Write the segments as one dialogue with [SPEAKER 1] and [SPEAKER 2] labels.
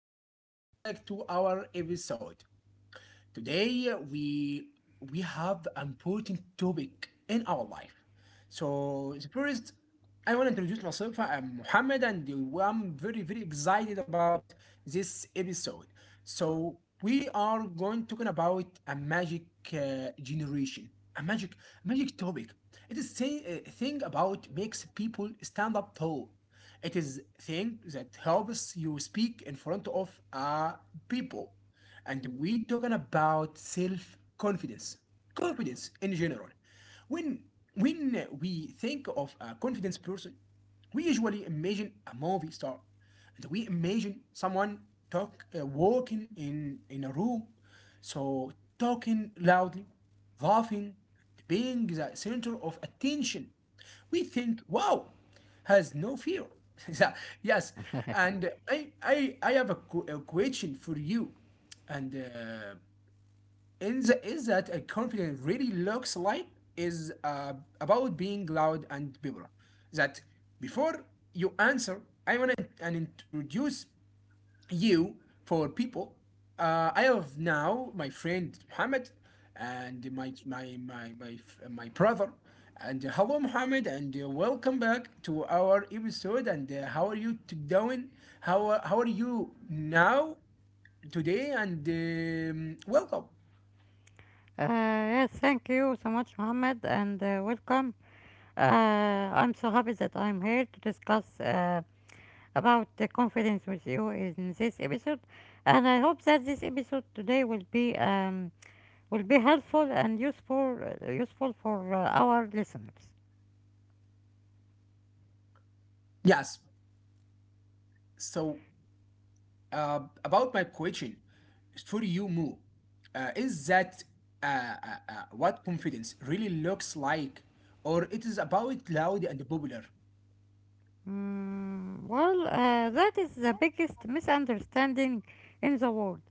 [SPEAKER 1] and welcome back to our episode. Today we have an important topic in our life. So the first, I want to introduce myself. I'm Mohammed, and I'm very very excited about this episode. So we are going talking about a uh, generation, magic topic. It is a thing about makes people stand up tall. It is thing that helps you speak in front of people and we talking about self confidence in general when when we think of a confident person we usually imagine a movie star and we imagine someone talk walking in a room, so, talking loudly, laughing, being the center of attention. We think, wow, has no fear. Yeah, yes, and I have a question for you. And In the, is that a confidence really looks like is about being loud and people. That Before you answer, I want to and introduce you for people. I have now my friend Muhammad and my brother. And Hello, Muhammad, and welcome back to our episode. And how are you t- doing? How are you now today? And welcome.
[SPEAKER 2] Yes, thank you so much, Mohammed, and welcome. Uh, I'm so happy that I'm here to discuss about the confidence with you in this episode, and I hope that this episode today will be will be helpful and useful for our listeners.
[SPEAKER 1] Yes. So about my question for you, Mo, is that what confidence really looks like, or it is about loud and popular?
[SPEAKER 2] Well, that is the biggest misunderstanding in the world.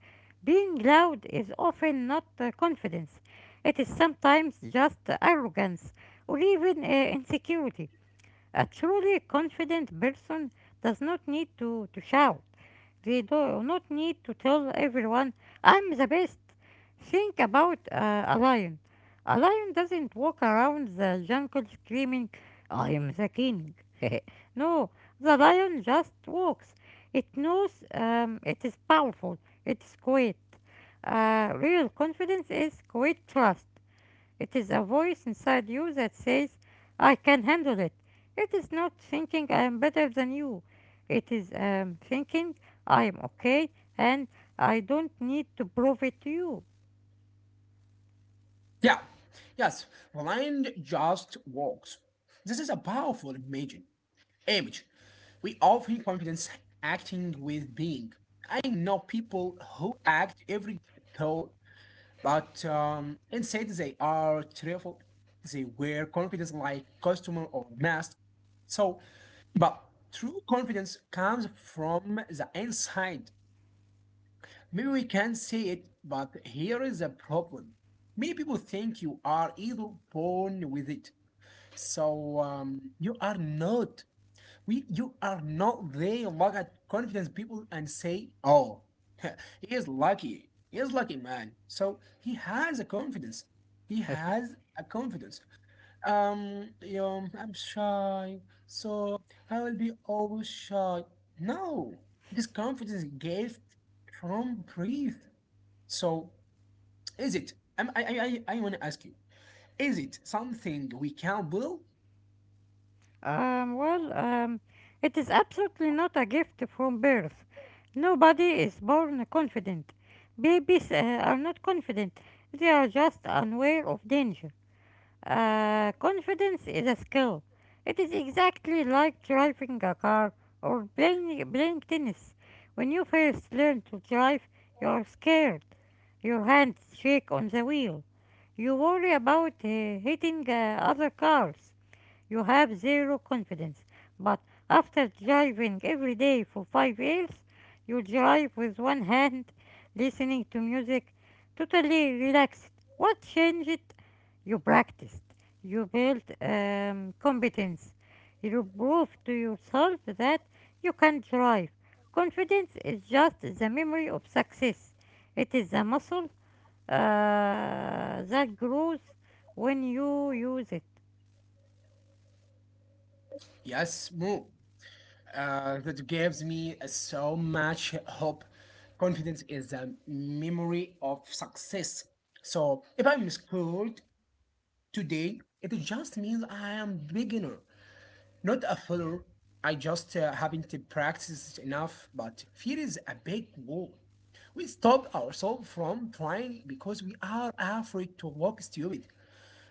[SPEAKER 2] Being loud is often not confidence, it is sometimes just arrogance or even insecurity. A truly confident person does not need to shout. They do not need to tell everyone, I'm the best. Think about a lion. A lion doesn't walk around the jungle screaming, I am the king. No, the lion just walks. It knows it is powerful, it is quiet. Real confidence is quiet trust. It is a voice inside you that says, I can handle it. It is not thinking I am better than you. It is thinking I am okay and I don't need to prove it to you.
[SPEAKER 1] Yeah, yes, blind just walks. This is a powerful image. Image. We often confidence acting with being. I know people who act every thought, but inside they are cheerful. They wear confidence like costume or mask. So, but true confidence comes from the inside. Maybe we can say it, but here is the problem. Many people think you are either born with it. So you are not. We you are not. They look at confidence people and say, "Oh, he is lucky. He is lucky, man." So he has a confidence. He has a confidence. Um, I'm shy, so I will be always shy. No, it is confidence gift from breathe. So, is it? I'm, I want to ask you, is it something we can build?
[SPEAKER 2] Well, it is absolutely not a gift from birth. Nobody is born confident. Babies are not confident, they are just unaware of danger. Confidence is a skill. It is exactly like driving a car or playing tennis. When you first learn to drive, you are scared. Your hands shake on the wheel. You worry about hitting other cars. You have zero confidence. But after driving every day for 5 years, you drive with one hand, listening to music, totally relaxed. What changed? You practiced. You built competence. You proved to yourself that you can drive. Confidence is just the memory of success. It is a muscle that grows when you use it.
[SPEAKER 1] Yes, Mo. That gives me so much hope. Confidence is a memory of success. So, if I'm scared today, it just means I am beginner. Not a failure. I just haven't practiced enough, but fear is a big wall. We stop ourselves from trying because we are afraid to walk stupid.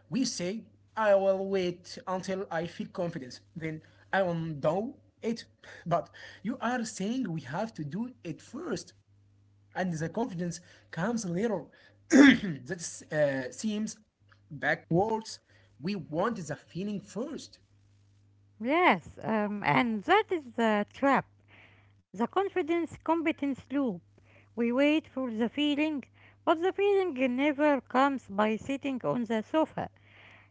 [SPEAKER 1] We say, I will wait until I feel confidence, then I will do it. But you are saying we have to do it first, and the confidence comes later. That seems backwards. We want the feeling first.
[SPEAKER 2] Yes, and that is the trap, the confidence competence loop. We wait for the feeling, but the feeling never comes by sitting on the sofa.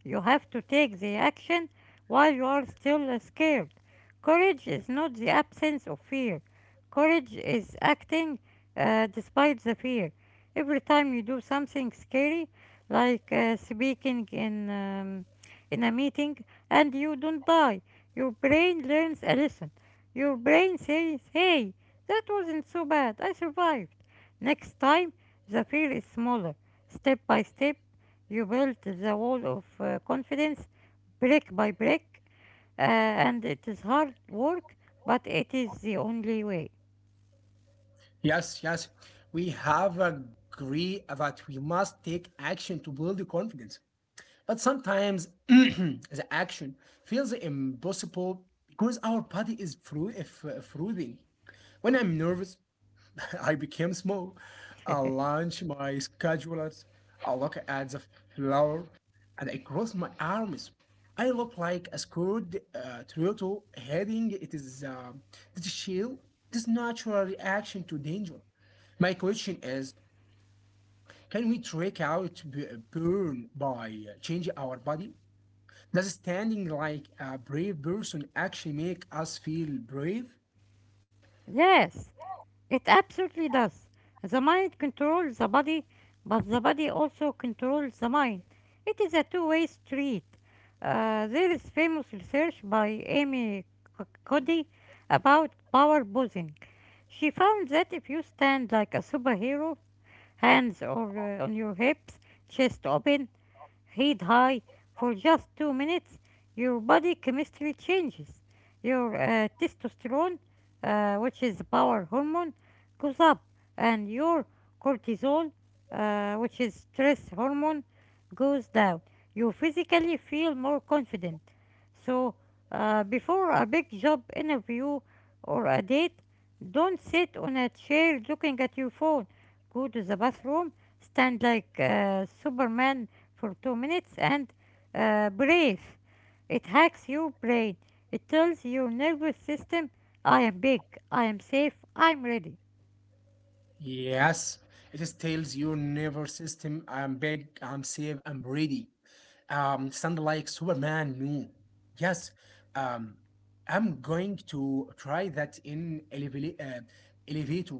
[SPEAKER 2] You have to take the action while you are still scared. Courage is not the absence of fear. Courage is acting despite the fear. Every time you do something scary, like speaking in a meeting, and you don't die, your brain learns a lesson. Your brain says, "Hey, that wasn't so bad. I survived." Next time, the fear is smaller, step by step, you built the wall of confidence brick by brick, and it is hard work, but it is the only way.
[SPEAKER 1] Yes, yes. We have agreed that we must take action to build the confidence. But sometimes the action feels impossible because our body is frothing. When I'm nervous, I became small. I launched my schedulers. I look at the floor and I cross my arms. I look like a scared turtle heading it is this shield, this natural reaction to danger. My question is can we trick out burn by changing our body? Does standing like a brave person actually make us feel brave?
[SPEAKER 2] Yes, it absolutely does. The mind controls the body, but the body also controls the mind. It is a two-way street. There is famous research by Amy Cuddy about power posing. She found that if you stand like a superhero hands or on your hips, chest open, heat high for just 2 minutes, your body chemistry changes. Your testosterone, which is the power hormone, goes up, and your cortisol, which is stress hormone, goes down. You physically feel more confident. So, before a big job interview or a date, don't sit on a chair looking at your phone. Go to the bathroom, stand like Superman for 2 minutes and breathe. It hacks your brain. It tells your nervous system, I am big, I am safe, I'm ready.
[SPEAKER 1] Yes, it is tells your nervous system I'm big, I'm safe, I'm ready. Sound like Superman. No, yes, um, I'm going to try that in elevator.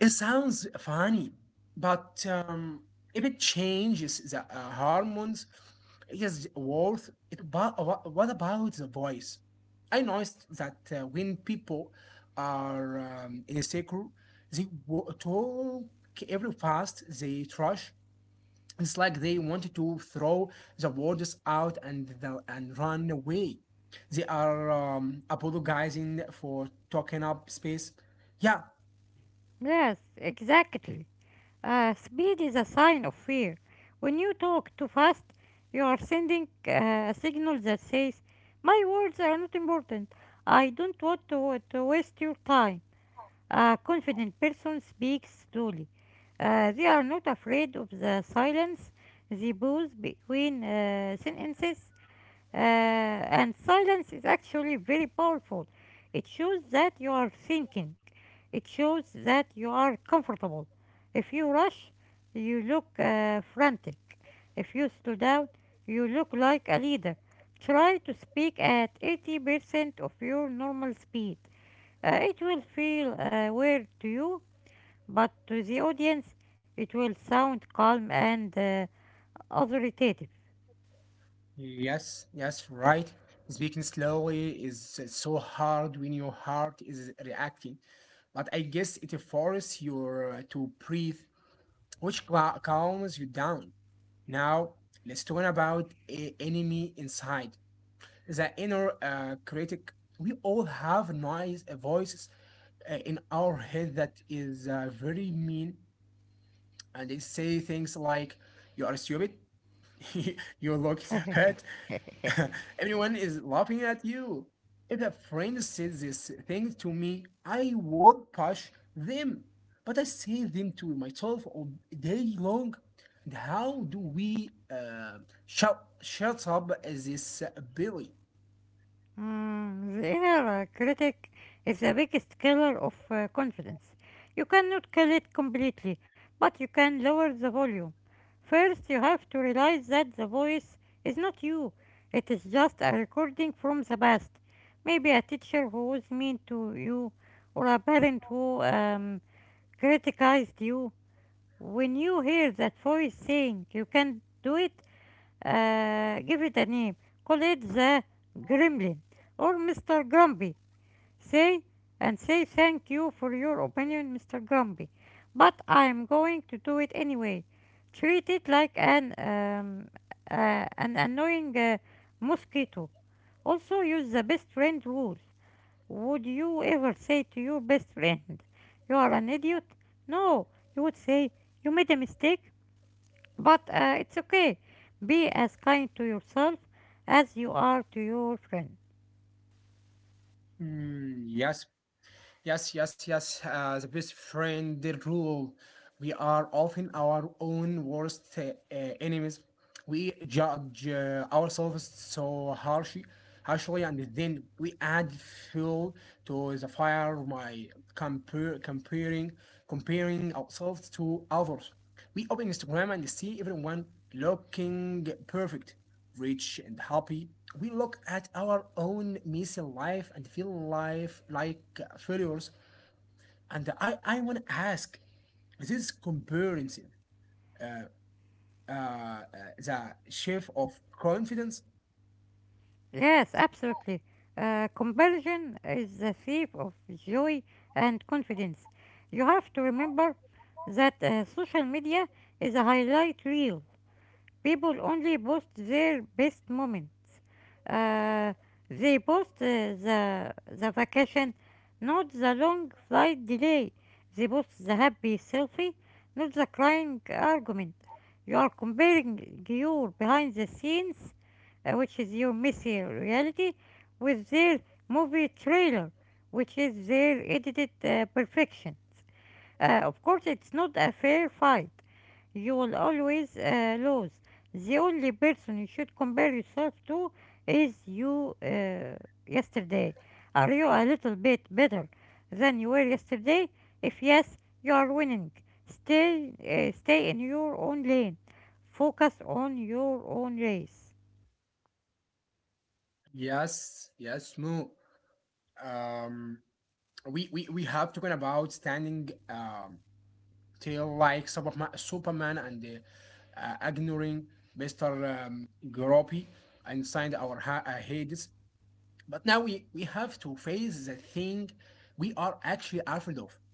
[SPEAKER 1] It sounds funny, but if it changes the hormones, it is worth it. But what about the voice? I noticed that when people are insecure, they talk every fast, they trash. It's like they wanted to throw the words out and run away. They are apologizing for taking up space. Yeah,
[SPEAKER 2] Yes, exactly. Speed is a sign of fear. When you talk too fast, you are sending a signal that says, my words are not important. I don't want to waste your time. A confident person speaks slowly. They are not afraid of the silence. They pause between sentences, and silence is actually very powerful. It shows that you are thinking. It shows that you are comfortable. If you rush, you look frantic. If you slow down, you look like a leader. Try to speak at 80% of your normal speed. It will feel weird to you, but to the audience, it will sound calm and authoritative.
[SPEAKER 1] yes, yes, right. Speaking slowly is so hard when your heart is reacting, but I guess it forces you to breathe which calms you down. Now, let's talk about a enemy inside the inner critic. We all have noise voices in our head that is very mean, and they say things like "you are stupid," you look sad. Everyone is laughing at you. If a friend said this thing to me, I would push them. But I say them to myself all day long. And how do we shut up this bully?
[SPEAKER 2] The inner critic is the biggest killer of confidence. You cannot kill it completely, but you can lower the volume. First, you have to realize that the voice is not you, it is just a recording from the past. Maybe a teacher who was mean to you, or a parent who criticized you, when you hear that voice saying you can't do it, give it a name. Call it the gremlin or Mr. Grumpy. Say say thank you for your opinion, Mr. Grumpy. But I'm going to do it anyway. Treat it like an annoying mosquito. Also use the best friend rule. Would you ever say to your best friend, you are an idiot? No, you would say, you made a mistake, but it's okay. Be as kind to yourself as you are to your friend.
[SPEAKER 1] Mm, yes, yes, yes, yes. The best friend the rule. We are often our own worst enemies. We judge ourselves so harshly, harshly, and then we add fuel to the fire by compare, comparing, comparing ourselves to others. We open Instagram and see everyone looking perfect rich and happy, we look at our own messy life and feel life like failures. And I want to ask is this comparison, uh, uh, uh, the chef of confidence.
[SPEAKER 2] Yes, absolutely. Comparison is the thief of joy and confidence. You have to remember that social media is a highlight reel. People only post their best moments. Uh, they post the the vacation, not the long flight delay. They post the happy selfie, not the crying argument. You are comparing your behind the scenes, which is your messy reality, with their movie trailer, which is their edited perfection. Of course, it's not a fair fight. You will always lose. The only person you should compare yourself to is you yesterday. Are you a little bit better than you were yesterday? If yes, you are winning. Stay in your own lane. Focus on your own race.
[SPEAKER 1] Yes, yes, Mo. Um, we have to talk about standing till like Superman and ignoring Mr. Groppy inside our heads. But now we have to face the thing we are actually afraid of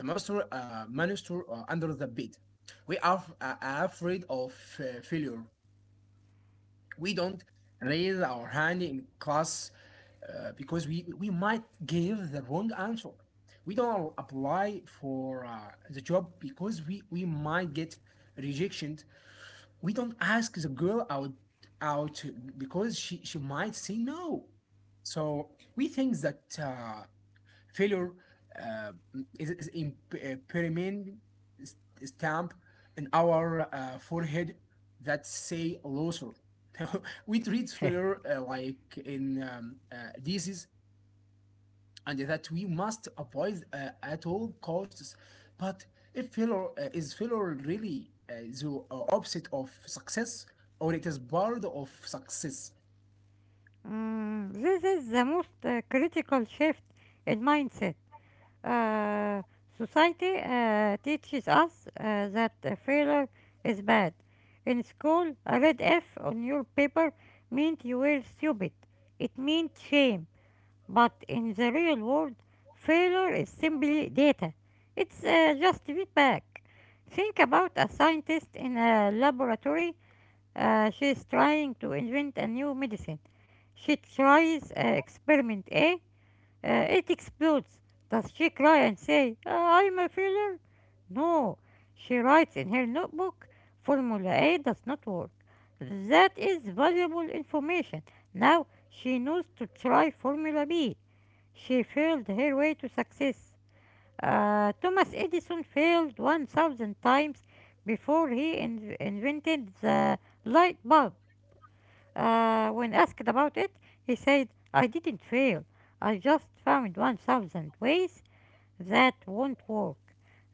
[SPEAKER 1] the monster under the bed. We are afraid of failure. We don't raise our hand in class because we might give the wrong answer. We don't apply for the job because we might get rejection. We don't ask the girl out out because she might say no. So we think that failure uh, is in permanent stamp in our forehead that say loser. We treat failure like in disease and that we must avoid at all costs. But if failure is failure really the opposite of success, or it is part of success?
[SPEAKER 2] This is the most critical shift in mindset. Uh, society teaches us that failure is bad. In school, a red F on your paper meant you were stupid. It meant shame. But in the real world, failure is simply data. It's just feedback. Think about a scientist in a laboratory. She's trying to invent a new medicine. She tries experiment A, it explodes. Does she cry and say, I'm a failure?" No. She writes in her notebook, formula A does not work. That is valuable information. Now she knows to try formula B. She failed her way to success. Thomas Edison failed 1,000 times before he invented the light bulb. When asked about it, he said, I didn't fail. I just found 1,000 ways that won't work.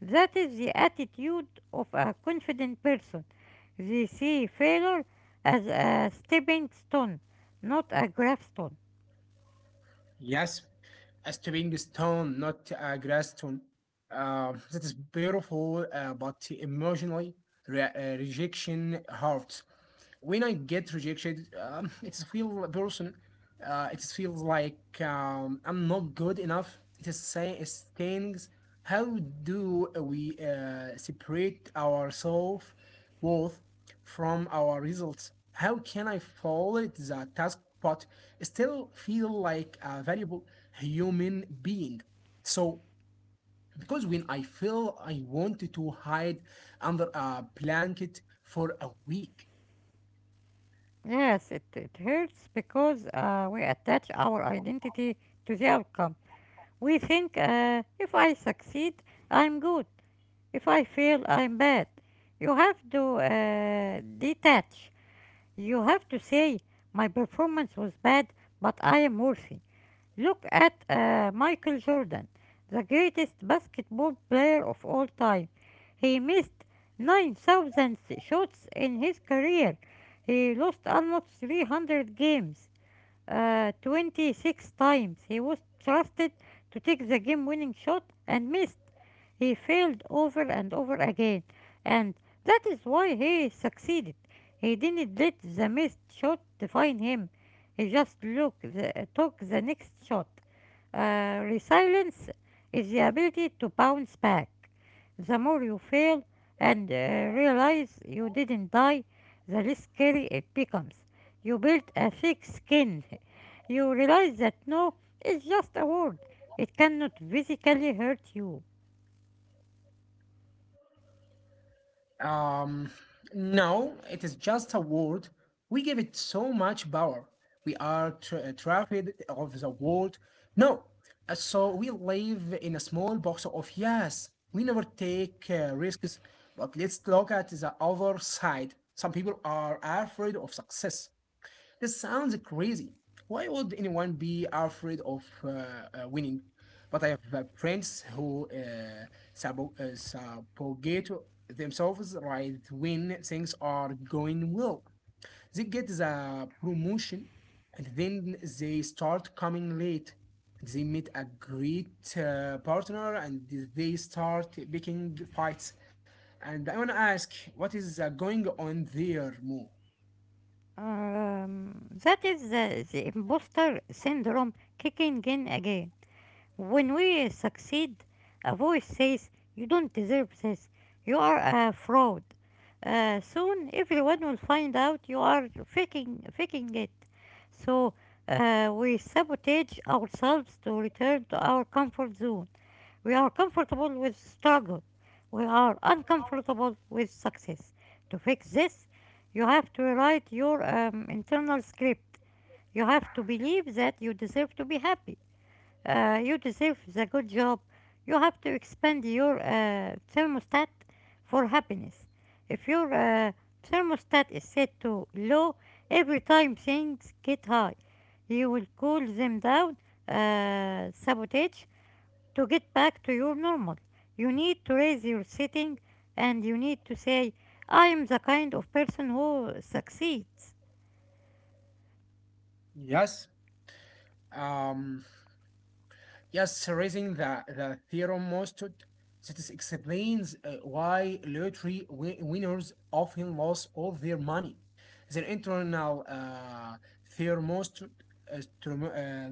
[SPEAKER 2] That is the attitude of a confident person. They see failure as a stepping stone, not a gravestone.
[SPEAKER 1] Yes, a stepping stone, not a grass stone. That is beautiful, but emotionally, rejection hurts when I get rejected, it feels person, it feels like I'm not good enough. It is saying it stings. How do we separate our self worth from our results? How can I follow it the task but still feel like a valuable human being? So, because when I feel I wanted to hide under a blanket for a week.
[SPEAKER 2] Yes, it hurts because we attach our identity to the outcome. We think if I succeed, I'm good. If I feel I'm bad, you have to detach. You have to say, my performance was bad, but I am worthy. Look at Michael Jordan, the greatest basketball player of all time. He missed 9,000 shots in his career. He lost almost 300 games 26 times. He was trusted to take the game winning shot and missed. He failed over and over again, and that is why he succeeded. He didn't let the missed shot define him, he just took the next shot. Resilience is the ability to bounce back. The more you fail and realize you didn't die, the less scary it becomes. You build a thick skin. You realize that no is just a word. It cannot physically hurt you.
[SPEAKER 1] Um, no, it is just a word. We give it so much power. We are trafficked of the world. No, so we live in a small box of yes. We never take risks, but let's look at the other side. Some people are afraid of success. This sounds crazy. Why would anyone be afraid of winning? But I have friends who subjugate themselves right when things are going well. They get the promotion and then they start coming late. They meet a great partner and they start picking fights. And I want to ask, what is going on there, Mo?
[SPEAKER 2] Um, that is the imposter syndrome kicking in again. When we succeed, a voice says, you don't deserve this. You are a fraud. Soon everyone will find out you are faking it. So we sabotage ourselves to return to our comfort zone. We are comfortable with struggle. We are uncomfortable with success. To fix this, you have to rewrite your internal script. You have to believe that you deserve to be happy. You deserve the good job. You have to expand your thermostat for happiness. If your thermostat is set to low every time things get high, you will cool them down, sabotage, to get back to your normal. You need to raise your setting and you need to say, I am the kind of person who succeeds.
[SPEAKER 1] Yes. Um, yes, raising the theorem most to- that is explains why lottery winners often lose all their money. Their internal theorem most uh,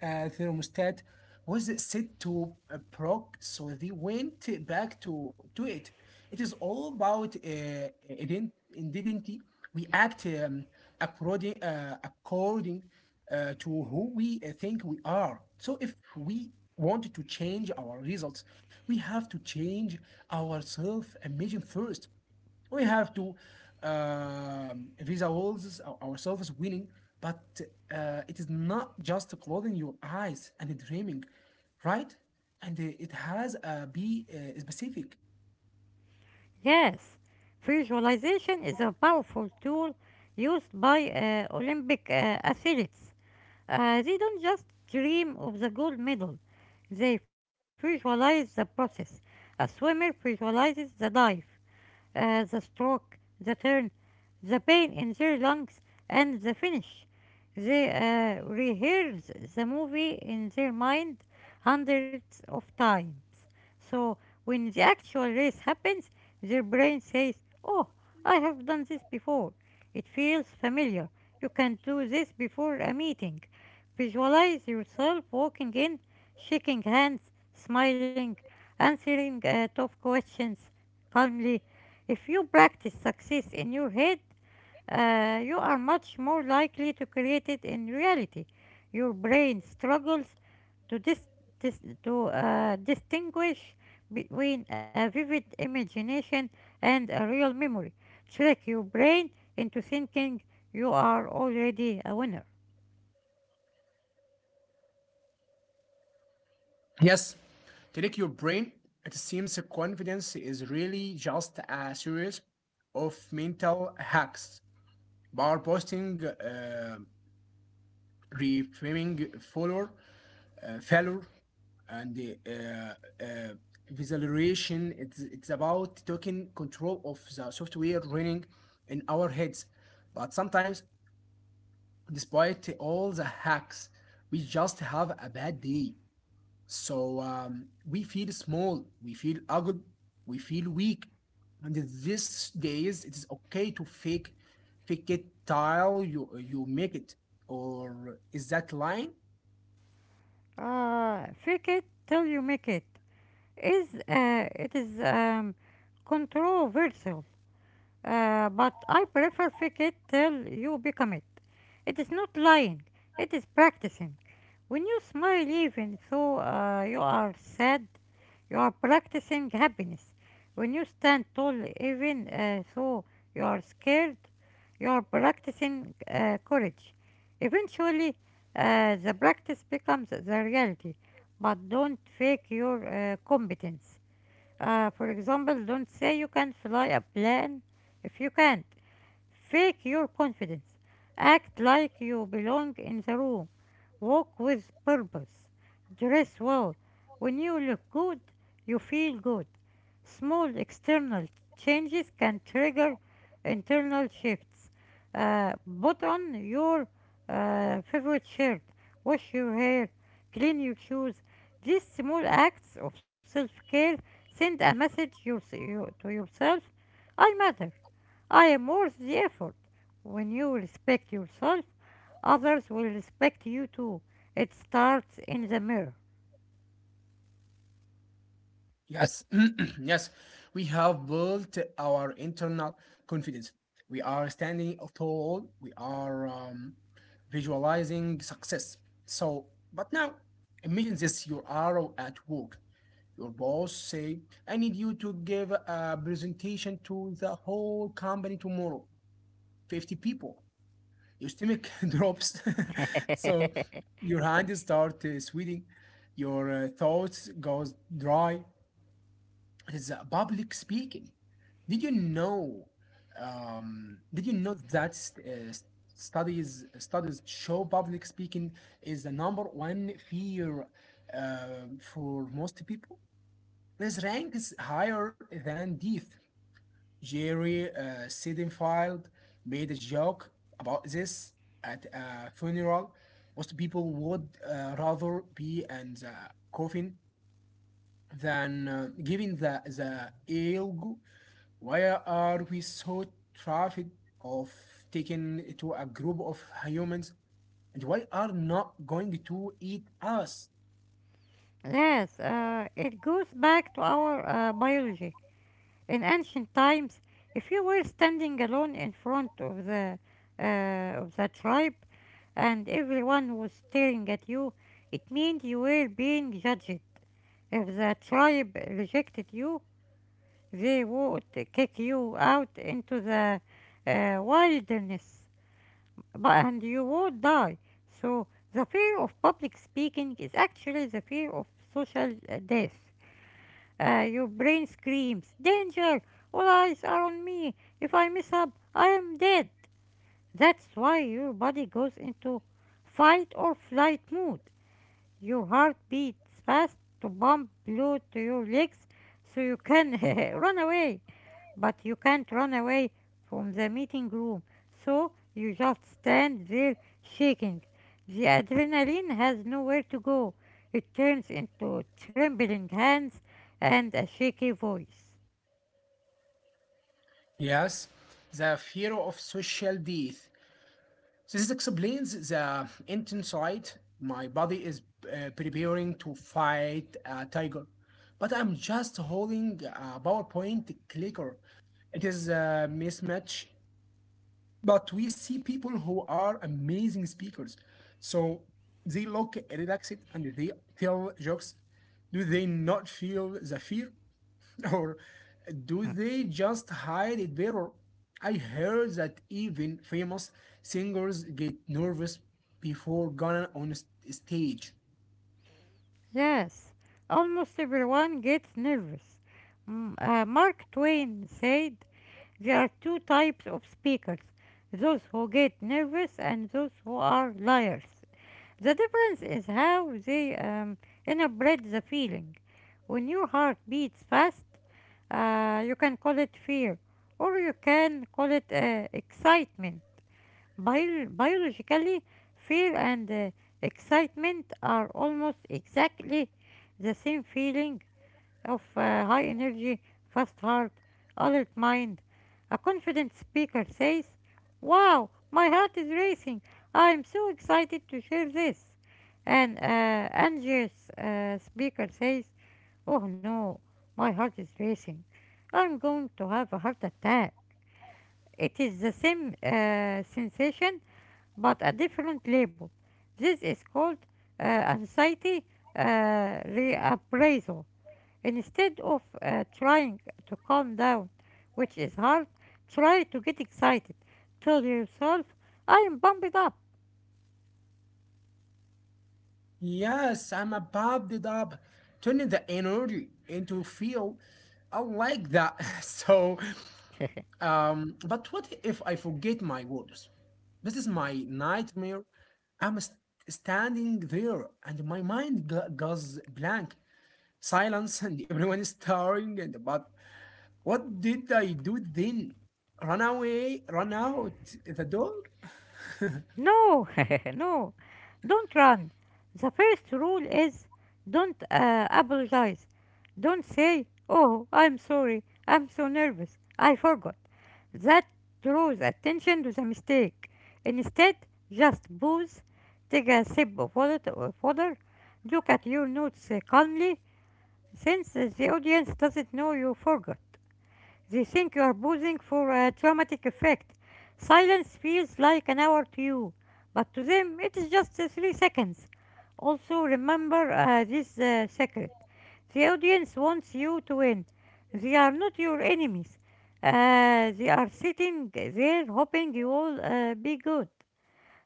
[SPEAKER 1] thermostat was set to a proc, so they went back to it. It is all about identity. We act according to who we think we are. So if we want to change our results, we have to change our self image first. We have to visa ourselves winning, but it is not just closing your eyes and dreaming, right? And it has a be specific.
[SPEAKER 2] Yes, visualization is a powerful tool used by Olympic athletes. They don't just dream of the gold medal, they visualize the process. A swimmer visualizes the dive, the stroke, the turn, the pain in their lungs, and the finish. They rehearse the movie in their mind hundreds of times. So when the actual race happens, their brain says, oh, I have done this before. It feels familiar. You can do this before a meeting. Visualize yourself walking in, shaking hands, smiling, answering tough questions calmly, if you practice success in your head, you are much more likely to create it in reality. Your brain struggles to, dis- to distinguish between a vivid imagination and a real memory. Trick your brain into thinking you are already a winner.
[SPEAKER 1] Yes, to trick your brain. It seems confidence is really just a series of mental hacks. Bar posting, reframing failure, failure, and uh, uh, visualization. It's about taking control of the software running in our heads. But sometimes, despite all the hacks, we just have a bad day. So we feel small, we feel ugly, we feel weak. And these days, it is okay to fake it till you make it. Or is that lying?
[SPEAKER 2] Fake it till you make it is controversial, but I prefer fake it till you become it. It is not lying, it is practicing. When you smile, even though you are sad, you are practicing happiness. When you stand tall, even though you are scared, you are practicing courage. Eventually, the practice becomes the reality, but don't fake your competence. For example, don't say you can fly a plane if you can't. Fake your confidence. Act like you belong in the room. Walk with purpose. Dress well. When you look good, you feel good. Small external changes can trigger internal shifts. Uh, put on your favorite shirt. Wash your hair. Clean your shoes. These small acts of self care send a message to yourself: I matter. I am worth the effort. When you respect yourself, others will respect you too. It starts in the mirror.
[SPEAKER 1] Yes, yes, we have built our internal confidence. We are standing tall. We are visualizing success. So, but now, imagine this: you are at work. Your boss say, "I need you to give a presentation to the whole company tomorrow, 50 people." Your stomach drops so your hand start sweating, your thoughts goes dry. It's public speaking. Did you know did you know that studies show public speaking is the number one fear for most people. This rank is higher than death. Jerry Seidenfeld made a joke about this at a funeral. Most people would rather be in the coffin than giving the elgo. Why are we so terrified of taking to a group of humans? And why are not going to eat us?
[SPEAKER 2] Yes, it goes back to our biology. In ancient times, if you were standing alone in front of the tribe and everyone was staring at you, it meant you were being judged. If the tribe rejected you, they would kick you out into the wilderness and you would die. So, the fear of public speaking is actually the fear of social death. Your brain screams, "Danger! All eyes are on me. If I mess up, I am dead." That's why your body goes into fight or flight mode. Your heart beats fast to pump blood to your legs so you can run away. But you can't run away from the meeting room, so you just stand there shaking. The adrenaline has nowhere to go. It turns into trembling hands and a shaky voice.
[SPEAKER 1] Yes, the fear of social death. So this explains the intense sight. My body is preparing to fight a tiger, but I'm just holding a PowerPoint clicker. It is a mismatch, but we see people who are amazing speakers. So they look relaxed and they tell jokes. Do they not feel the fear? Or do they just hide it better? I heard that even famous singers get nervous before going on stage.
[SPEAKER 2] Yes, almost everyone gets nervous. Mark Twain said there are two types of speakers: those who get nervous and those who are liars. The difference is how they interpret the feeling. When your heart beats fast, you can call it fear or you can call it excitement. Biologically, fear and excitement are almost exactly the same feeling of high energy, fast heart, alert mind. A confident speaker says, "Wow, my heart is racing. I'm so excited to share this." An anxious speaker says, "Oh no, my heart is racing. I'm going to have a heart attack." It is the same sensation but a different label. This is called anxiety uh, reappraisal. Instead of trying to calm down, which is hard, try to get excited. Tell yourself, I am pumped up.
[SPEAKER 1] Yes, I'm a bobbed it up, turning the energy into feel. I like that. So, but what if I forget my words? This is my nightmare. I'm standing there and my mind goes blank. Silence and everyone is staring and but what did I do then? Run away, run out the door?
[SPEAKER 2] No, no, don't run. The first rule is don't apologize. Don't say, "Oh, I'm sorry, I'm so nervous, I forgot." That draws attention to the mistake. Instead, just pause, take a sip of water, look at your notes calmly, since the audience doesn't know you forgot. They think you're posing for a dramatic effect. Silence feels like an hour to you, but to them it is just 3 seconds. Also, remember this secret: the audience wants you to win. They are not your enemies. They are sitting there hoping you will be good.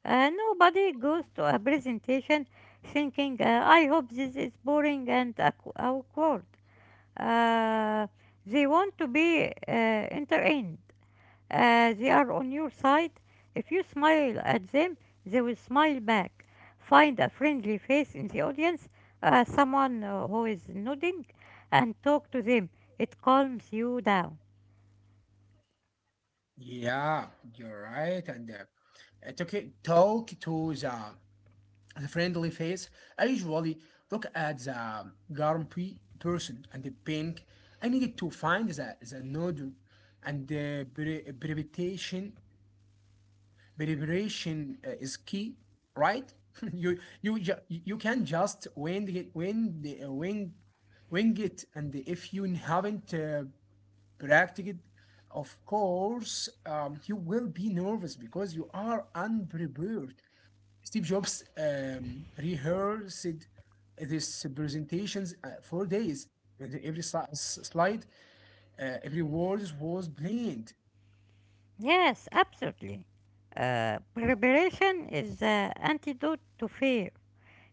[SPEAKER 2] Nobody goes to a presentation thinking, "I hope this is boring and awkward." Uh, they want to be entertained. They are on your side. If you smile at them, they will smile back. Find a friendly face in the audience, someone who is nodding, and talk to them. It calms you down.
[SPEAKER 1] Yeah, you're right. And I took talk to the friendly face. I usually look at the grumpy person and the pink. I needed to find the nodule and the precipitation preparation is key, right? You you can just wing it, wing the wing it, and if you haven't practiced it, of course, you will be nervous because you are unprepared. Steve Jobs rehearsed these presentations for days. And every slide, every word was planned.
[SPEAKER 2] Yes, absolutely. Preparation is the antidote to fear.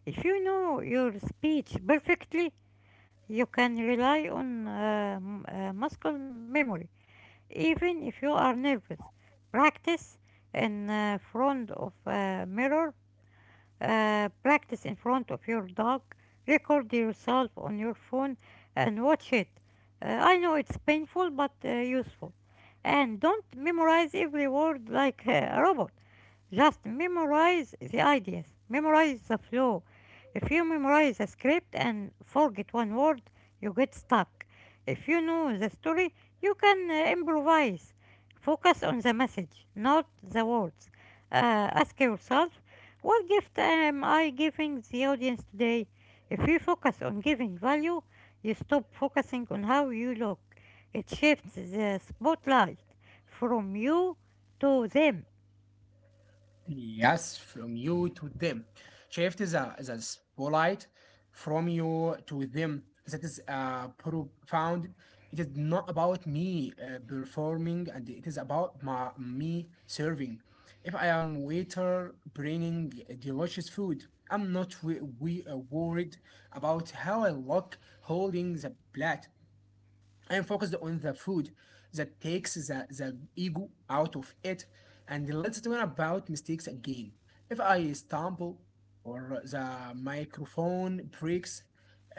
[SPEAKER 2] If you know your speech perfectly, you can rely on muscle memory, even if you are nervous. Practice in front of a mirror, practice in front of your dog, record yourself on your phone and watch it. I know it's painful but useful. And don't memorize every word like a robot. Just memorize the ideas, memorize the flow. If you memorize a script and forget one word, you get stuck. If you know the story, you can improvise. Focus on the message, not the words. Ask yourself, what gift am I giving the audience today? If you focus on giving value, you stop focusing on how you look. It shifts the spotlight from you to them.
[SPEAKER 1] Yes, from you to them. Shift is a, the polite, from you to them. That is profound. It is not about me performing, and it is about my me serving. If I am waiter bringing delicious food, I'm not we, we worried about how I look holding the plate. I am focused on the food that takes the ego out of it, and let's talk about mistakes again. If I stumble or the microphone breaks,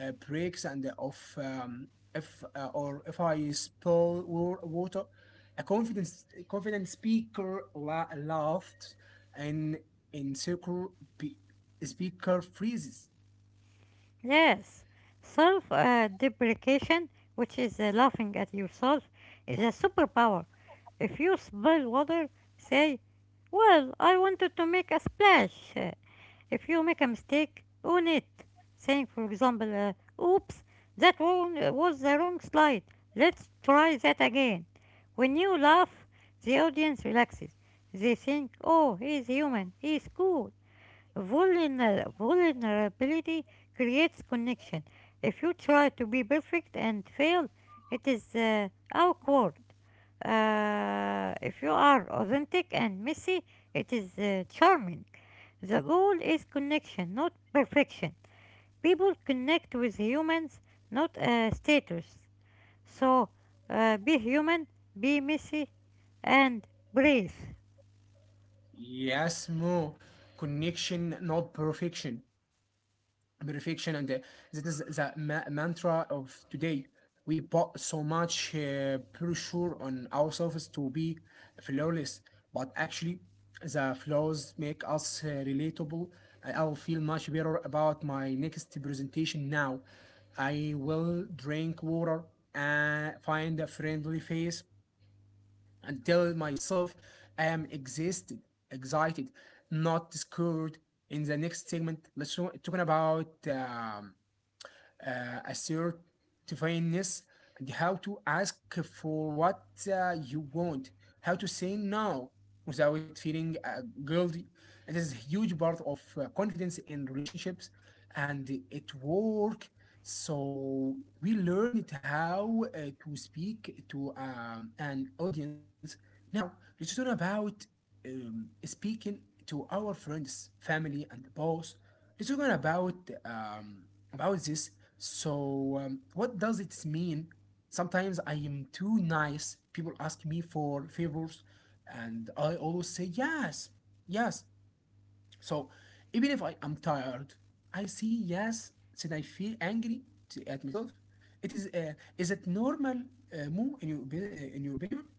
[SPEAKER 1] breaks and of if or if I spill water, a confidence confident speaker laughed and in circle speaker freezes.
[SPEAKER 2] Yes, self deprecation, which is laughing at yourself, is a superpower. If you spill water, say, "Well, I wanted to make a splash." If you make a mistake, own it. Saying, for example, "Oops, that one was the wrong slide. Let's try that again." When you laugh, the audience relaxes. They think, "Oh, he's human, he's cool." Vulnerability creates connection. If you try to be perfect and fail, it is awkward. If you are authentic and messy, it is charming. The goal is connection, not perfection. People connect with humans, not status. So be human, be messy, and breathe.
[SPEAKER 1] Yes, more connection, not perfection. Perfection and that is the mantra of today. We put so much pressure on ourselves to be flawless, but actually the flaws make us relatable. I- I'll feel much better about my next presentation now. I will drink water and find a friendly face and tell myself I am exhausted, excited, not scared. In the next segment, let's talking about assertiveness, and how to ask for what you want, how to say no without feeling guilty. It is a huge part of confidence in relationships and at work. So we learned how to speak to an audience. Now let's talk about speaking to our friends, family, and boss. Let's talk um, about this. So, what does it mean? Sometimes I am too nice. People ask me for favors, and I always say yes, yes. So, even if I am tired, I say yes, then I feel angry to, at myself. It is it normal, Mo, in in your opinion?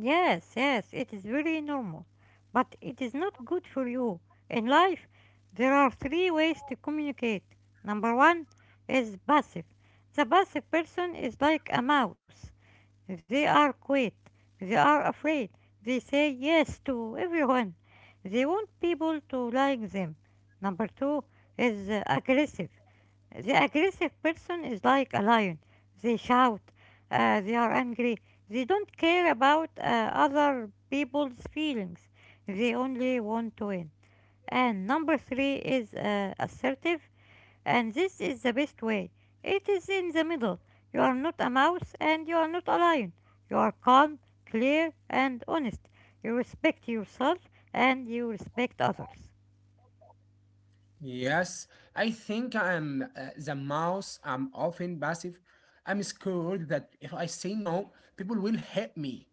[SPEAKER 2] Yes, yes, it is very normal. But it is not good for you. In life, there are three ways to communicate. Number one is passive. The passive person is like a mouse. They are quiet. They are afraid. They say yes to everyone. They want people to like them. Number two is aggressive. The aggressive person is like a lion. They shout, they are angry, they don't care about other people's feelings. They only want to win. And number three is assertive, and this is the best way. It is in the middle. You are not a mouse and you are not a lion. You are calm, clear, and honest. You respect yourself and you respect others.
[SPEAKER 1] Yes, I think I'm the mouse. I'm often passive. I'm scared that if I say no, people will hate me.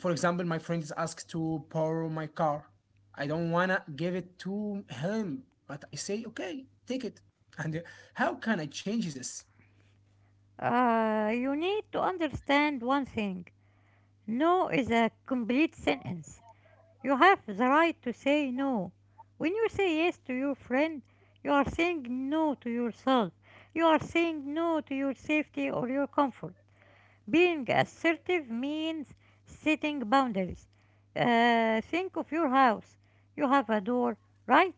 [SPEAKER 1] For example, my friend is asked to borrow my car. I don't wanna give it to him, but I say, okay, take it. And how can I change this?
[SPEAKER 2] You need to understand one thing. No is a complete sentence. You have the right to say no. When you say yes to your friend, you are saying no to yourself. You are saying no to your safety or your comfort. Being assertive means setting boundaries. Think of your house. You have a door, right?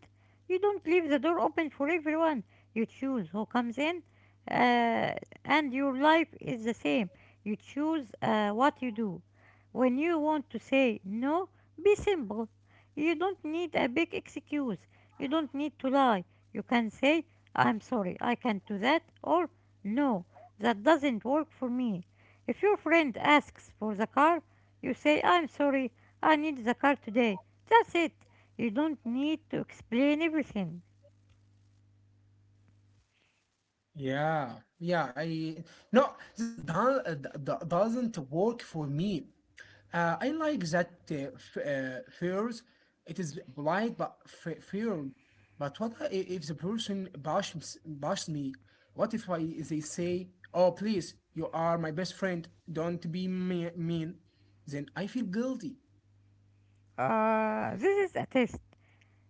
[SPEAKER 2] You don't leave the door open for everyone. You choose who comes in, uh, and your life is the same. You choose what you do. When you want to say no, be simple. You don't need a big excuse. You don't need to lie. You can say, "I'm sorry, I can't do that," or "no, that doesn't work for me." If your friend asks for the car, you say, "I'm sorry, I need the car today." That's it. You don't need to explain everything.
[SPEAKER 1] Yeah, yeah. I no, that is done, doesn't work for me. I like that fears. It is polite, but fear. But what if the person bashes me? What if I they say, "Oh, please, you are my best friend. Don't be mean." Then I feel guilty.
[SPEAKER 2] This is a test.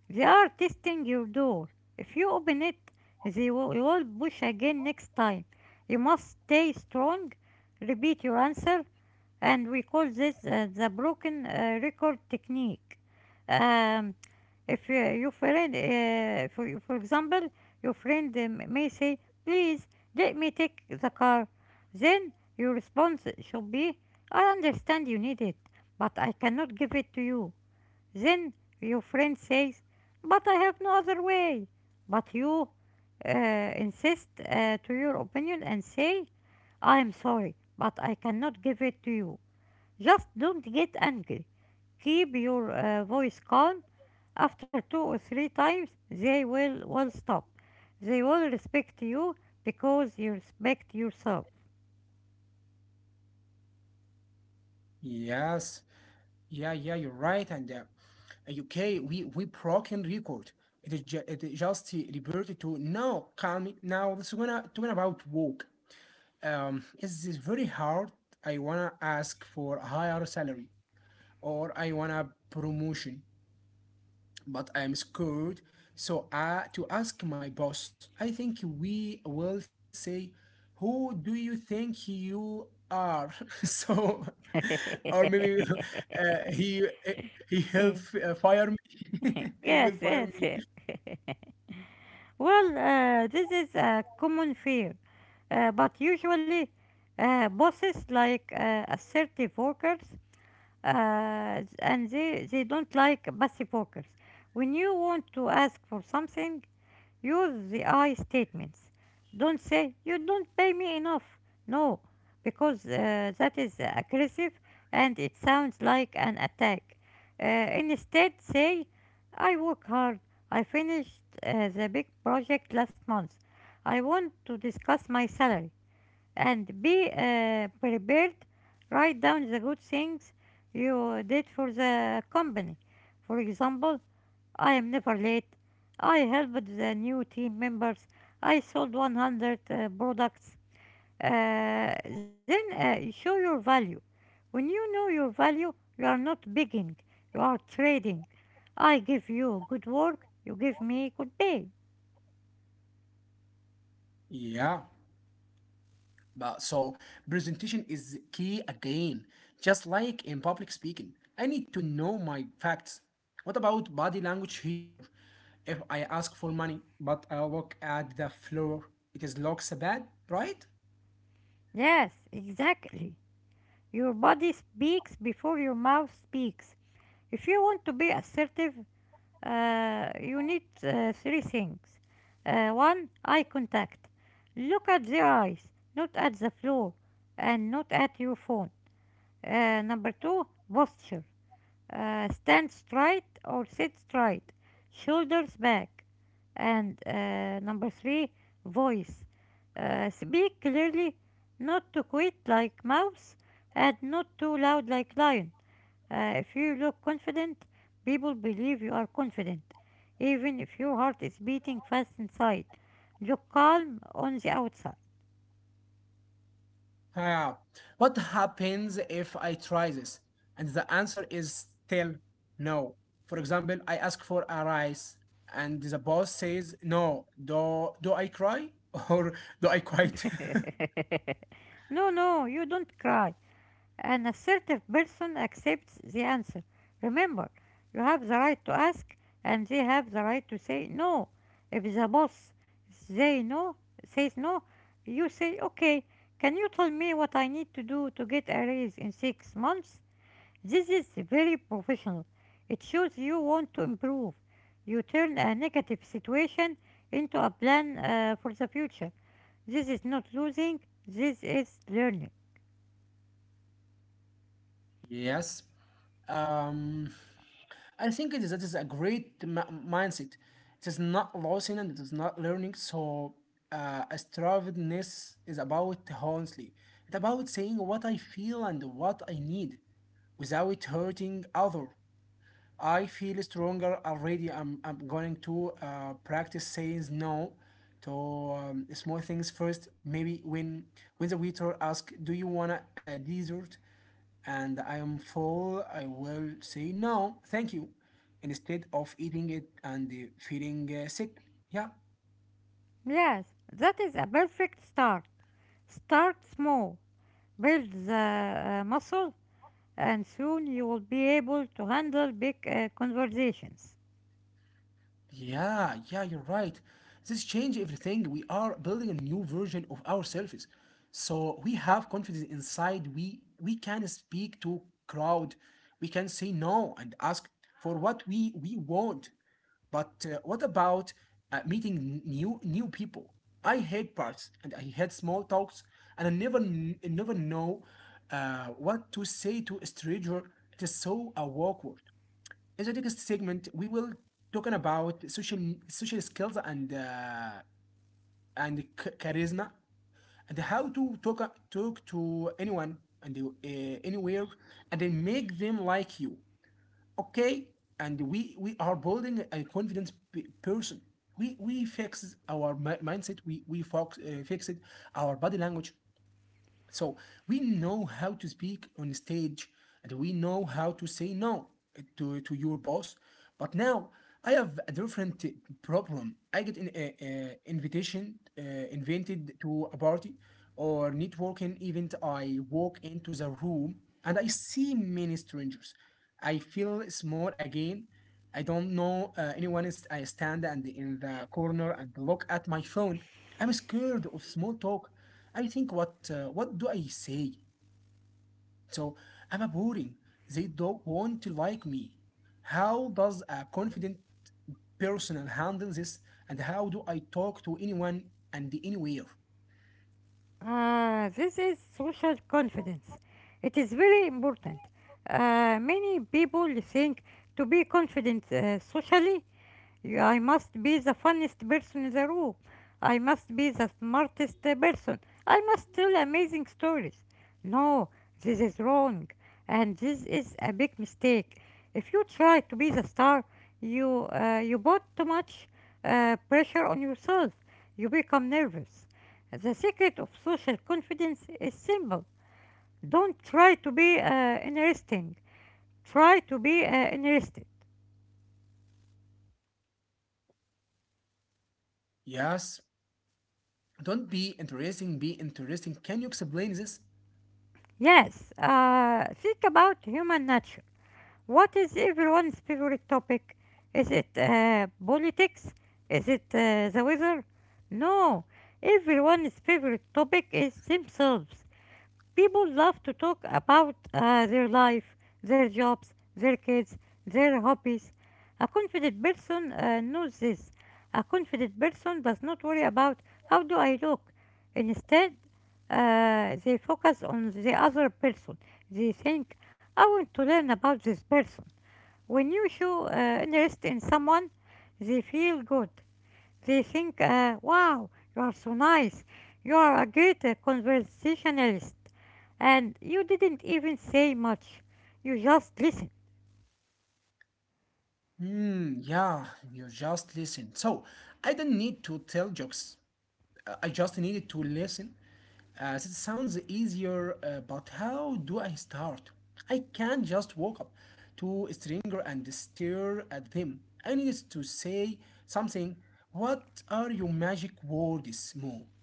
[SPEAKER 2] They are testing your door. If you open it, you will push again next time. You must stay strong, repeat your answer, and we call this the broken record technique. Um, If for example, your friend may say, "please let me take the car," then your response should be, "I understand you need it, but I cannot give it to you." Then your friend says, "but I have no other way." But you uh, insist to your opinion and say, "I am sorry, but I cannot give it to you." Just don't get angry. Keep your voice calm. After 2 or 3 times, they will won't stop. They will respect you because you respect yourself.
[SPEAKER 1] Yes, yeah, yeah, you're right. And UK, we broken record. It is it is just reverted to now. Calm. It. Now let's gonna talking about work. Is this very hard? I wanna ask for a higher salary or I wanna promotion but I'm scared. So to ask my boss, I think we will say, "Who do you think you are?" So, or maybe uh, he he will fire me. He will
[SPEAKER 2] Yes,
[SPEAKER 1] fire
[SPEAKER 2] yes.
[SPEAKER 1] me.
[SPEAKER 2] Well, this is a common fear, but usually bosses like assertive workers and they don't like passive workers. When you want to ask for something, use the I statements. Don't say, "you don't pay me enough." No, because that is aggressive and it sounds like an attack. Instead, say, "I work hard. I finished the big project last month. I want to discuss my salary," and be prepared. Write down the good things you did for the company. For example, "I am never late. I helped the new team members. I sold 100 products." Uh, then you show your value. When you know your value, you are not begging, you are trading. I give you good work, you give me good pay.
[SPEAKER 1] Yeah. But so presentation is key again, just like in public speaking. I need to know my facts. What about body language here? If I ask for money, but I look at the floor, it is looks bad, right?
[SPEAKER 2] Yes, exactly. Your body speaks before your mouth speaks. If you want to be assertive, you need 3 things. One, eye contact. Look at their eyes, not at the floor, and not at your phone. Number two, posture. Stand straight or sit straight, shoulders back. And number three, voice. Speak clearly, not too quiet like mouse, and not too loud like lion. If you look confident, people believe you are confident, even if your heart is beating fast inside. Look calm on the outside.
[SPEAKER 1] Yeah. What happens if I try this? And the answer is still no. For example, I ask for a rice and the boss says no. Do do I cry or do I quit?
[SPEAKER 2] No, no, you don't cry. An assertive person accepts the answer. Remember, you have the right to ask and they have the right to say no. If the boss say no, says no, you say, okay, can you tell me what I need to do to get a raise in 6 months? This is very professional. It shows you want to improve. You turn a negative situation into a plan for the future. This is not losing, this is learning.
[SPEAKER 1] Yes. Um, I think it is, that is a great mindset. It is not losing and it is not learning. So, astrovidness is about honestly. It's about saying what I feel and what I need without hurting other. I feel stronger already. I'm going to practice saying no to small things first. Maybe when the waiter asks, "Do you want a dessert?" and I am full, I will say no, thank you, instead of eating it and feeling sick. Yeah.
[SPEAKER 2] Yes, that is a perfect start. Start small, build the muscle, and soon you will be able to handle big conversations.
[SPEAKER 1] Yeah, yeah, you're right. This change everything. We are building a new version of ourselves. So we have confidence inside. We can speak to crowd. We can say no and ask for what we want. But what about meeting new people? I hate parts and I hate small talks and I never never know what to say to a stranger. It is so awkward. In the next segment, we will talking about social skills and charisma and how to talk to anyone and anywhere and then make them like you. Okay, and we are building a confident person. We fix our mindset. We focus, fixed our body language. So we know how to speak on stage, and we know how to say no eh, to your boss. But now I have a different problem. I get an invitation invited to a party or networking event. I walk into the room and I see many strangers. I feel small again. I don't know anyone. Is, I stand and in the corner and look at my phone. I'm scared of small talk. I think what do I say? So I'm a boring. They don't want to like me. How does a confident person handle this? And how do I talk to anyone and anywhere?
[SPEAKER 2] This is social confidence. It is very important. Many people think to be confident socially I must be the funniest person in the room. I must be the smartest person. I must tell amazing stories. No, this is wrong. And this is a big mistake. If you try to be the star, you put too much pressure on yourself. You become nervous. The secret of social confidence is simple. Don't try to be interesting. Try to be interested.
[SPEAKER 1] Yes. Don't be interesting. Be interesting. Can you explain this?
[SPEAKER 2] Yes, think about human nature. What is everyone's favorite topic? Is it politics? Is it the weather? No, everyone's favorite topic is themselves. People love to talk about their life, their jobs, their kids, their hobbies. A confident person knows this. A confident person does not worry about how do I look. Instead, they focus on the other person. They think, I want to learn about this person. When you show interest in someone, they feel good. They think, wow, you are so nice. You are a great conversationalist. And you didn't even say much. You just listened.
[SPEAKER 1] Hmm. Yeah. You just listen. So I don't need to tell jokes. I just needed to listen. That sounds easier, but how do I start? I can't just walk up to a stranger and stare at them. I need to say something. What are your magic words, Mo?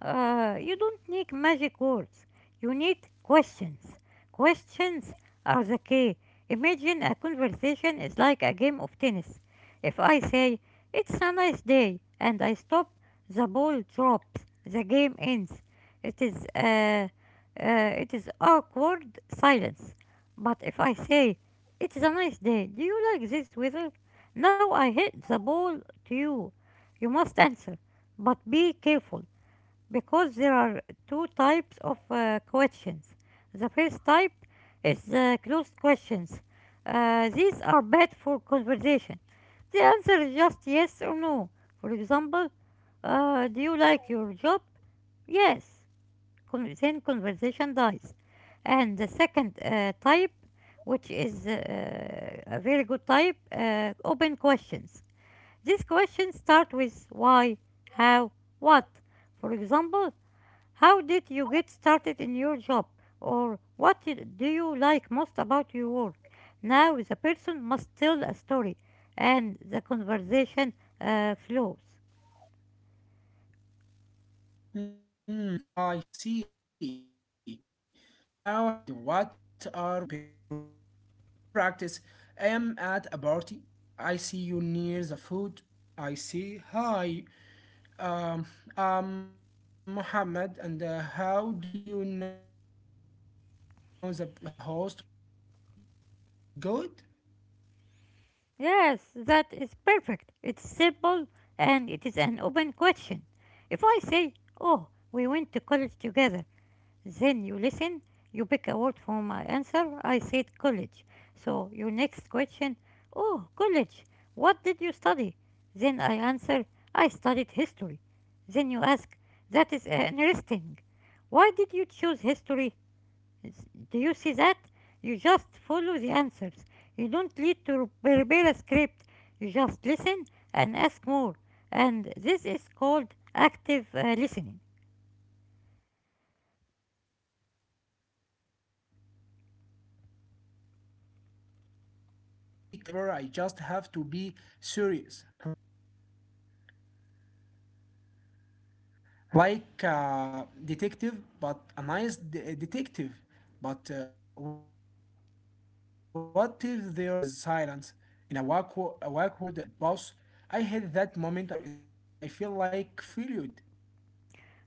[SPEAKER 2] You don't need magic words. You need questions. Questions are the key. Imagine a conversation is like a game of tennis. If I say, it's a nice day, and I stop, the ball drops. The game ends. It is awkward silence. But if I say, it's a nice day, do you like this weather? Now I hit the ball to you. You must answer, but be careful. Because there are two types of questions. The first type is the closed questions. These are bad for conversation. The answer is just yes or no. For example, do you like your job? Yes. Then conversation dies. And the second type, which is a very good type, open questions. These questions start with why, how, what. For example, how did you get started in your job? Or do you like most about your work? Now the person must tell a story and the conversation flows.
[SPEAKER 1] Hmm, I see. How and what are my best friend? Let's practice. I am at a party. I see you near the food. I say hi. Um, Mohammed, and how do you know the host of the party? Is it good?
[SPEAKER 2] Yes, that is perfect. It's simple and it is an open question. If I say, oh, we went to college together, then you listen, you pick a word from my answer. I said college. So your next question, oh, college, what did you study? Then I answer, I studied history. Then you ask, that is interesting. Why did you choose history? Do you see that? You just follow the answers. You don't need to re- prepare a script. You just listen and ask more. And this is called active listening.
[SPEAKER 1] Hmm. This takes the pressure off of me. I don't have to be clever. I just have to be serious, like a detective, but a nice detective. But what if there is silence? In a a awkward pause, I had that moment. I feel like failed.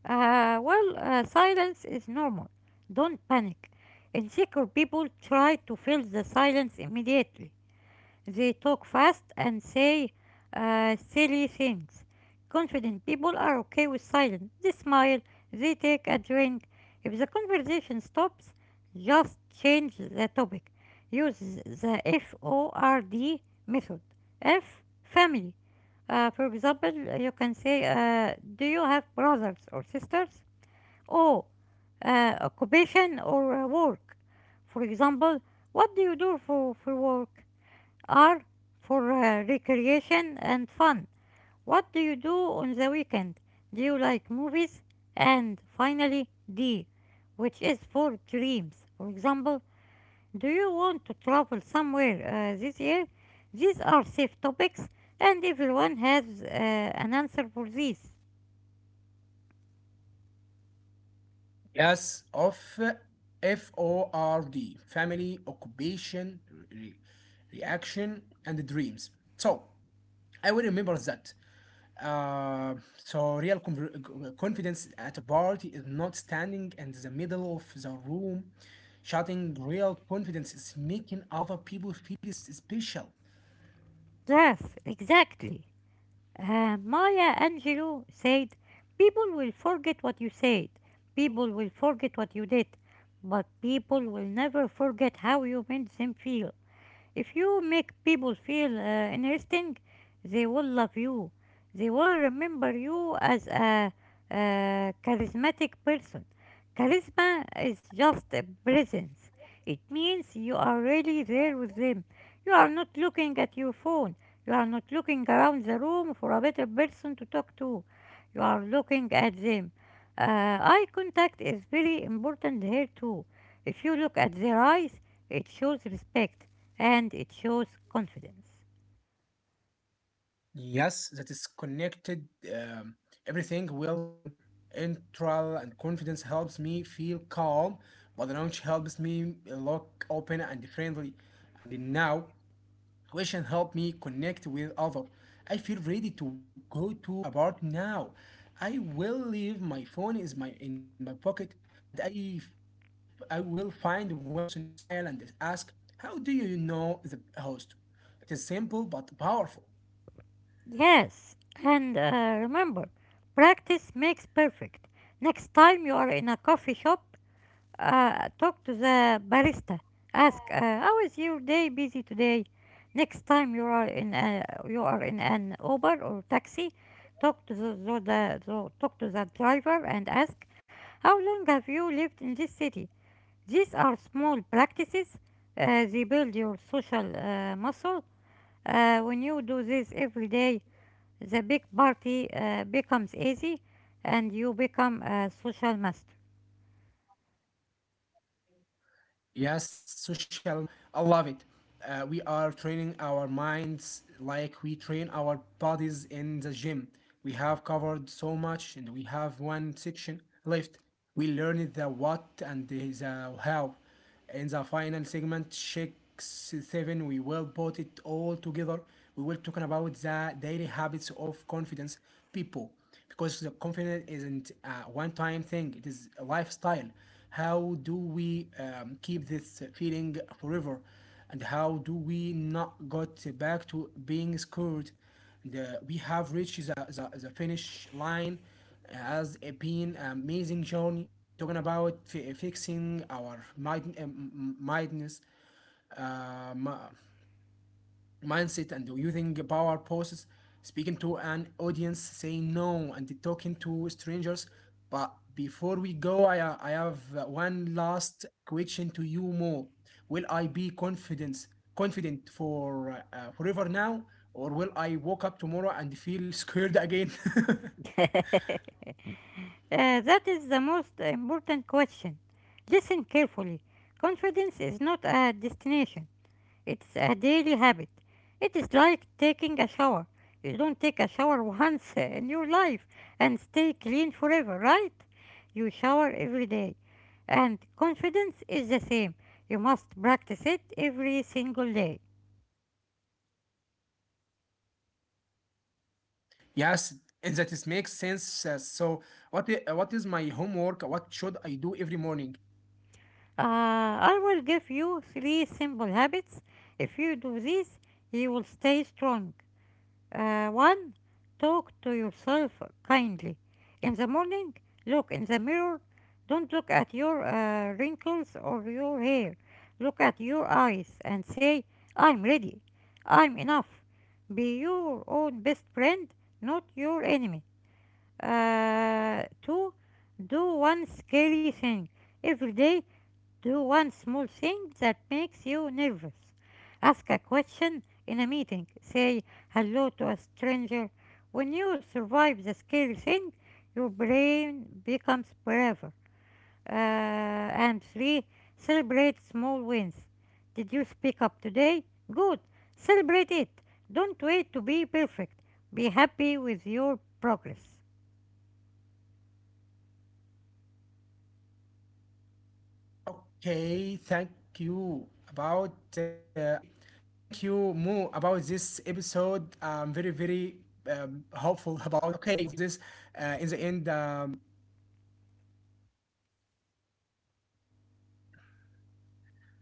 [SPEAKER 2] Silence is normal. Don't panic. Insecure people try to fill the silence immediately. They talk fast and say silly things. Confident people are okay with silence. They smile, they take a drink. If the conversation stops, just change the topic. Use the FORD method. F, family. For example, you can say, do you have brothers or sisters? O, uh, occupation or work. For example, what do you do for work? Are for recreation and fun. What do you do on the weekend? Do you like movies? And finally, D, which is for dreams. For example, do you want to travel somewhere this year? These are safe topics, and everyone has an answer for these.
[SPEAKER 1] Yes, of FORD, family, occupation, re- reaction, and the dreams. So I will remember that. So real confidence at a party is not standing in the middle of the room. Shouting real confidence is making other people feel special.
[SPEAKER 2] Yes, exactly. Maya Angelou said, people will forget what you said, people will forget what you did, but people will never forget how you made them feel. If you make people feel interesting, they will love you. They will remember you as a charismatic person. Charisma is just a presence. It means you are really there with them. You are not looking at your phone. You are not looking around the room for a better person to talk to. You are looking at them. Eye contact is very important here too. If you look at their eyes, it shows respect and it shows confidence.
[SPEAKER 1] Yes, that is connected. Everything will learn. Intral and confidence helps me feel calm, but the knowledge helps me look open and friendly. And now, question help me connect with other. I feel ready to go to about now. I will leave my phone is my in my pocket, and I will find one person smile and ask, "How do you know the host?" It is simple but powerful.
[SPEAKER 2] Yes, and remember, practice makes perfect. Next time you are in a coffee shop, talk to the barista. Ask, "How is your day busy today?" Next time you are in a, you are in an Uber or taxi, talk to the driver and ask, "How long have you lived in this city?" These are small practices. They build your social muscle. When you do this every day, the big party becomes easy and you become a social master.
[SPEAKER 1] Yes, social muscle. I love it. We are training our minds like we train our bodies in the gym. We have covered so much and we have one section left. We learned the what and the how. In the final segment, Sheikh Seven, we will put it all together. We will talking about the daily habits of confidence people, because the confidence isn't a one-time thing. It is a lifestyle. How do we keep this feeling forever, and how do we not got back to being scared? The, we have reached the finish line. As a been amazing journey, we talking about fixing our mind, mindness, uh, mi- mindset, and using power poses, speaking to an audience, saying no, and talking to strangers. But before we go, I have one last question to you, Mo. Will I be confident for forever now, or will I wake up tomorrow and feel scared again?
[SPEAKER 2] That is the most important question. Listen carefully. Confidence is not a destination, it's a daily habit. It is like taking a shower. You don't take a shower once in your life and stay clean forever, right? You shower every day. And confidence is the same. You must practice it every single day.
[SPEAKER 1] Yes, and that is makes sense. So, what what is my homework? What should I do every morning?
[SPEAKER 2] I will give you three simple habits. If you do these, you will stay strong. One, talk to yourself kindly. In the morning, look in the mirror. Don't look at your wrinkles or your hair. Look at your eyes and say, I'm ready. I'm enough. Be your own best friend, not your enemy. Two, do one scary thing every day, do one small thing that makes you nervous. Ask a question in a meeting. Say hello to a stranger. When you survive the scary thing, your brain becomes braver. Uh, and three, celebrate small wins. Did you speak up today? Good. Celebrate it. Don't wait to be perfect. Be happy with your progress.
[SPEAKER 1] Okay, thank you about okay, thank you Mo about this episode. I'm very very hopeful about this. In the end,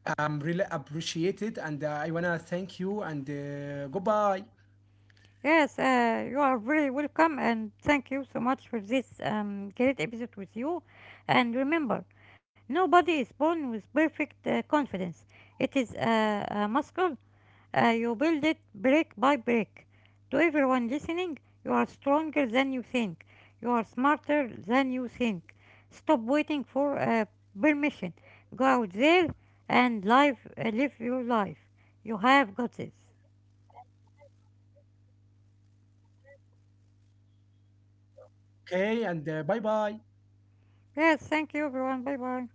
[SPEAKER 1] I'm really appreciated, and I wanna thank you and goodbye.
[SPEAKER 2] Yes, you are very welcome, and thank you so much for this great episode with you. And remember, nobody is born with perfect confidence. It is a muscle. You build it brick by brick. To everyone listening, you are stronger than you think. You are smarter than you think. Stop waiting for permission. Go out there and live your life. You have got this.
[SPEAKER 1] Okay, and bye bye.
[SPEAKER 2] Yes, thank you, everyone. Bye bye.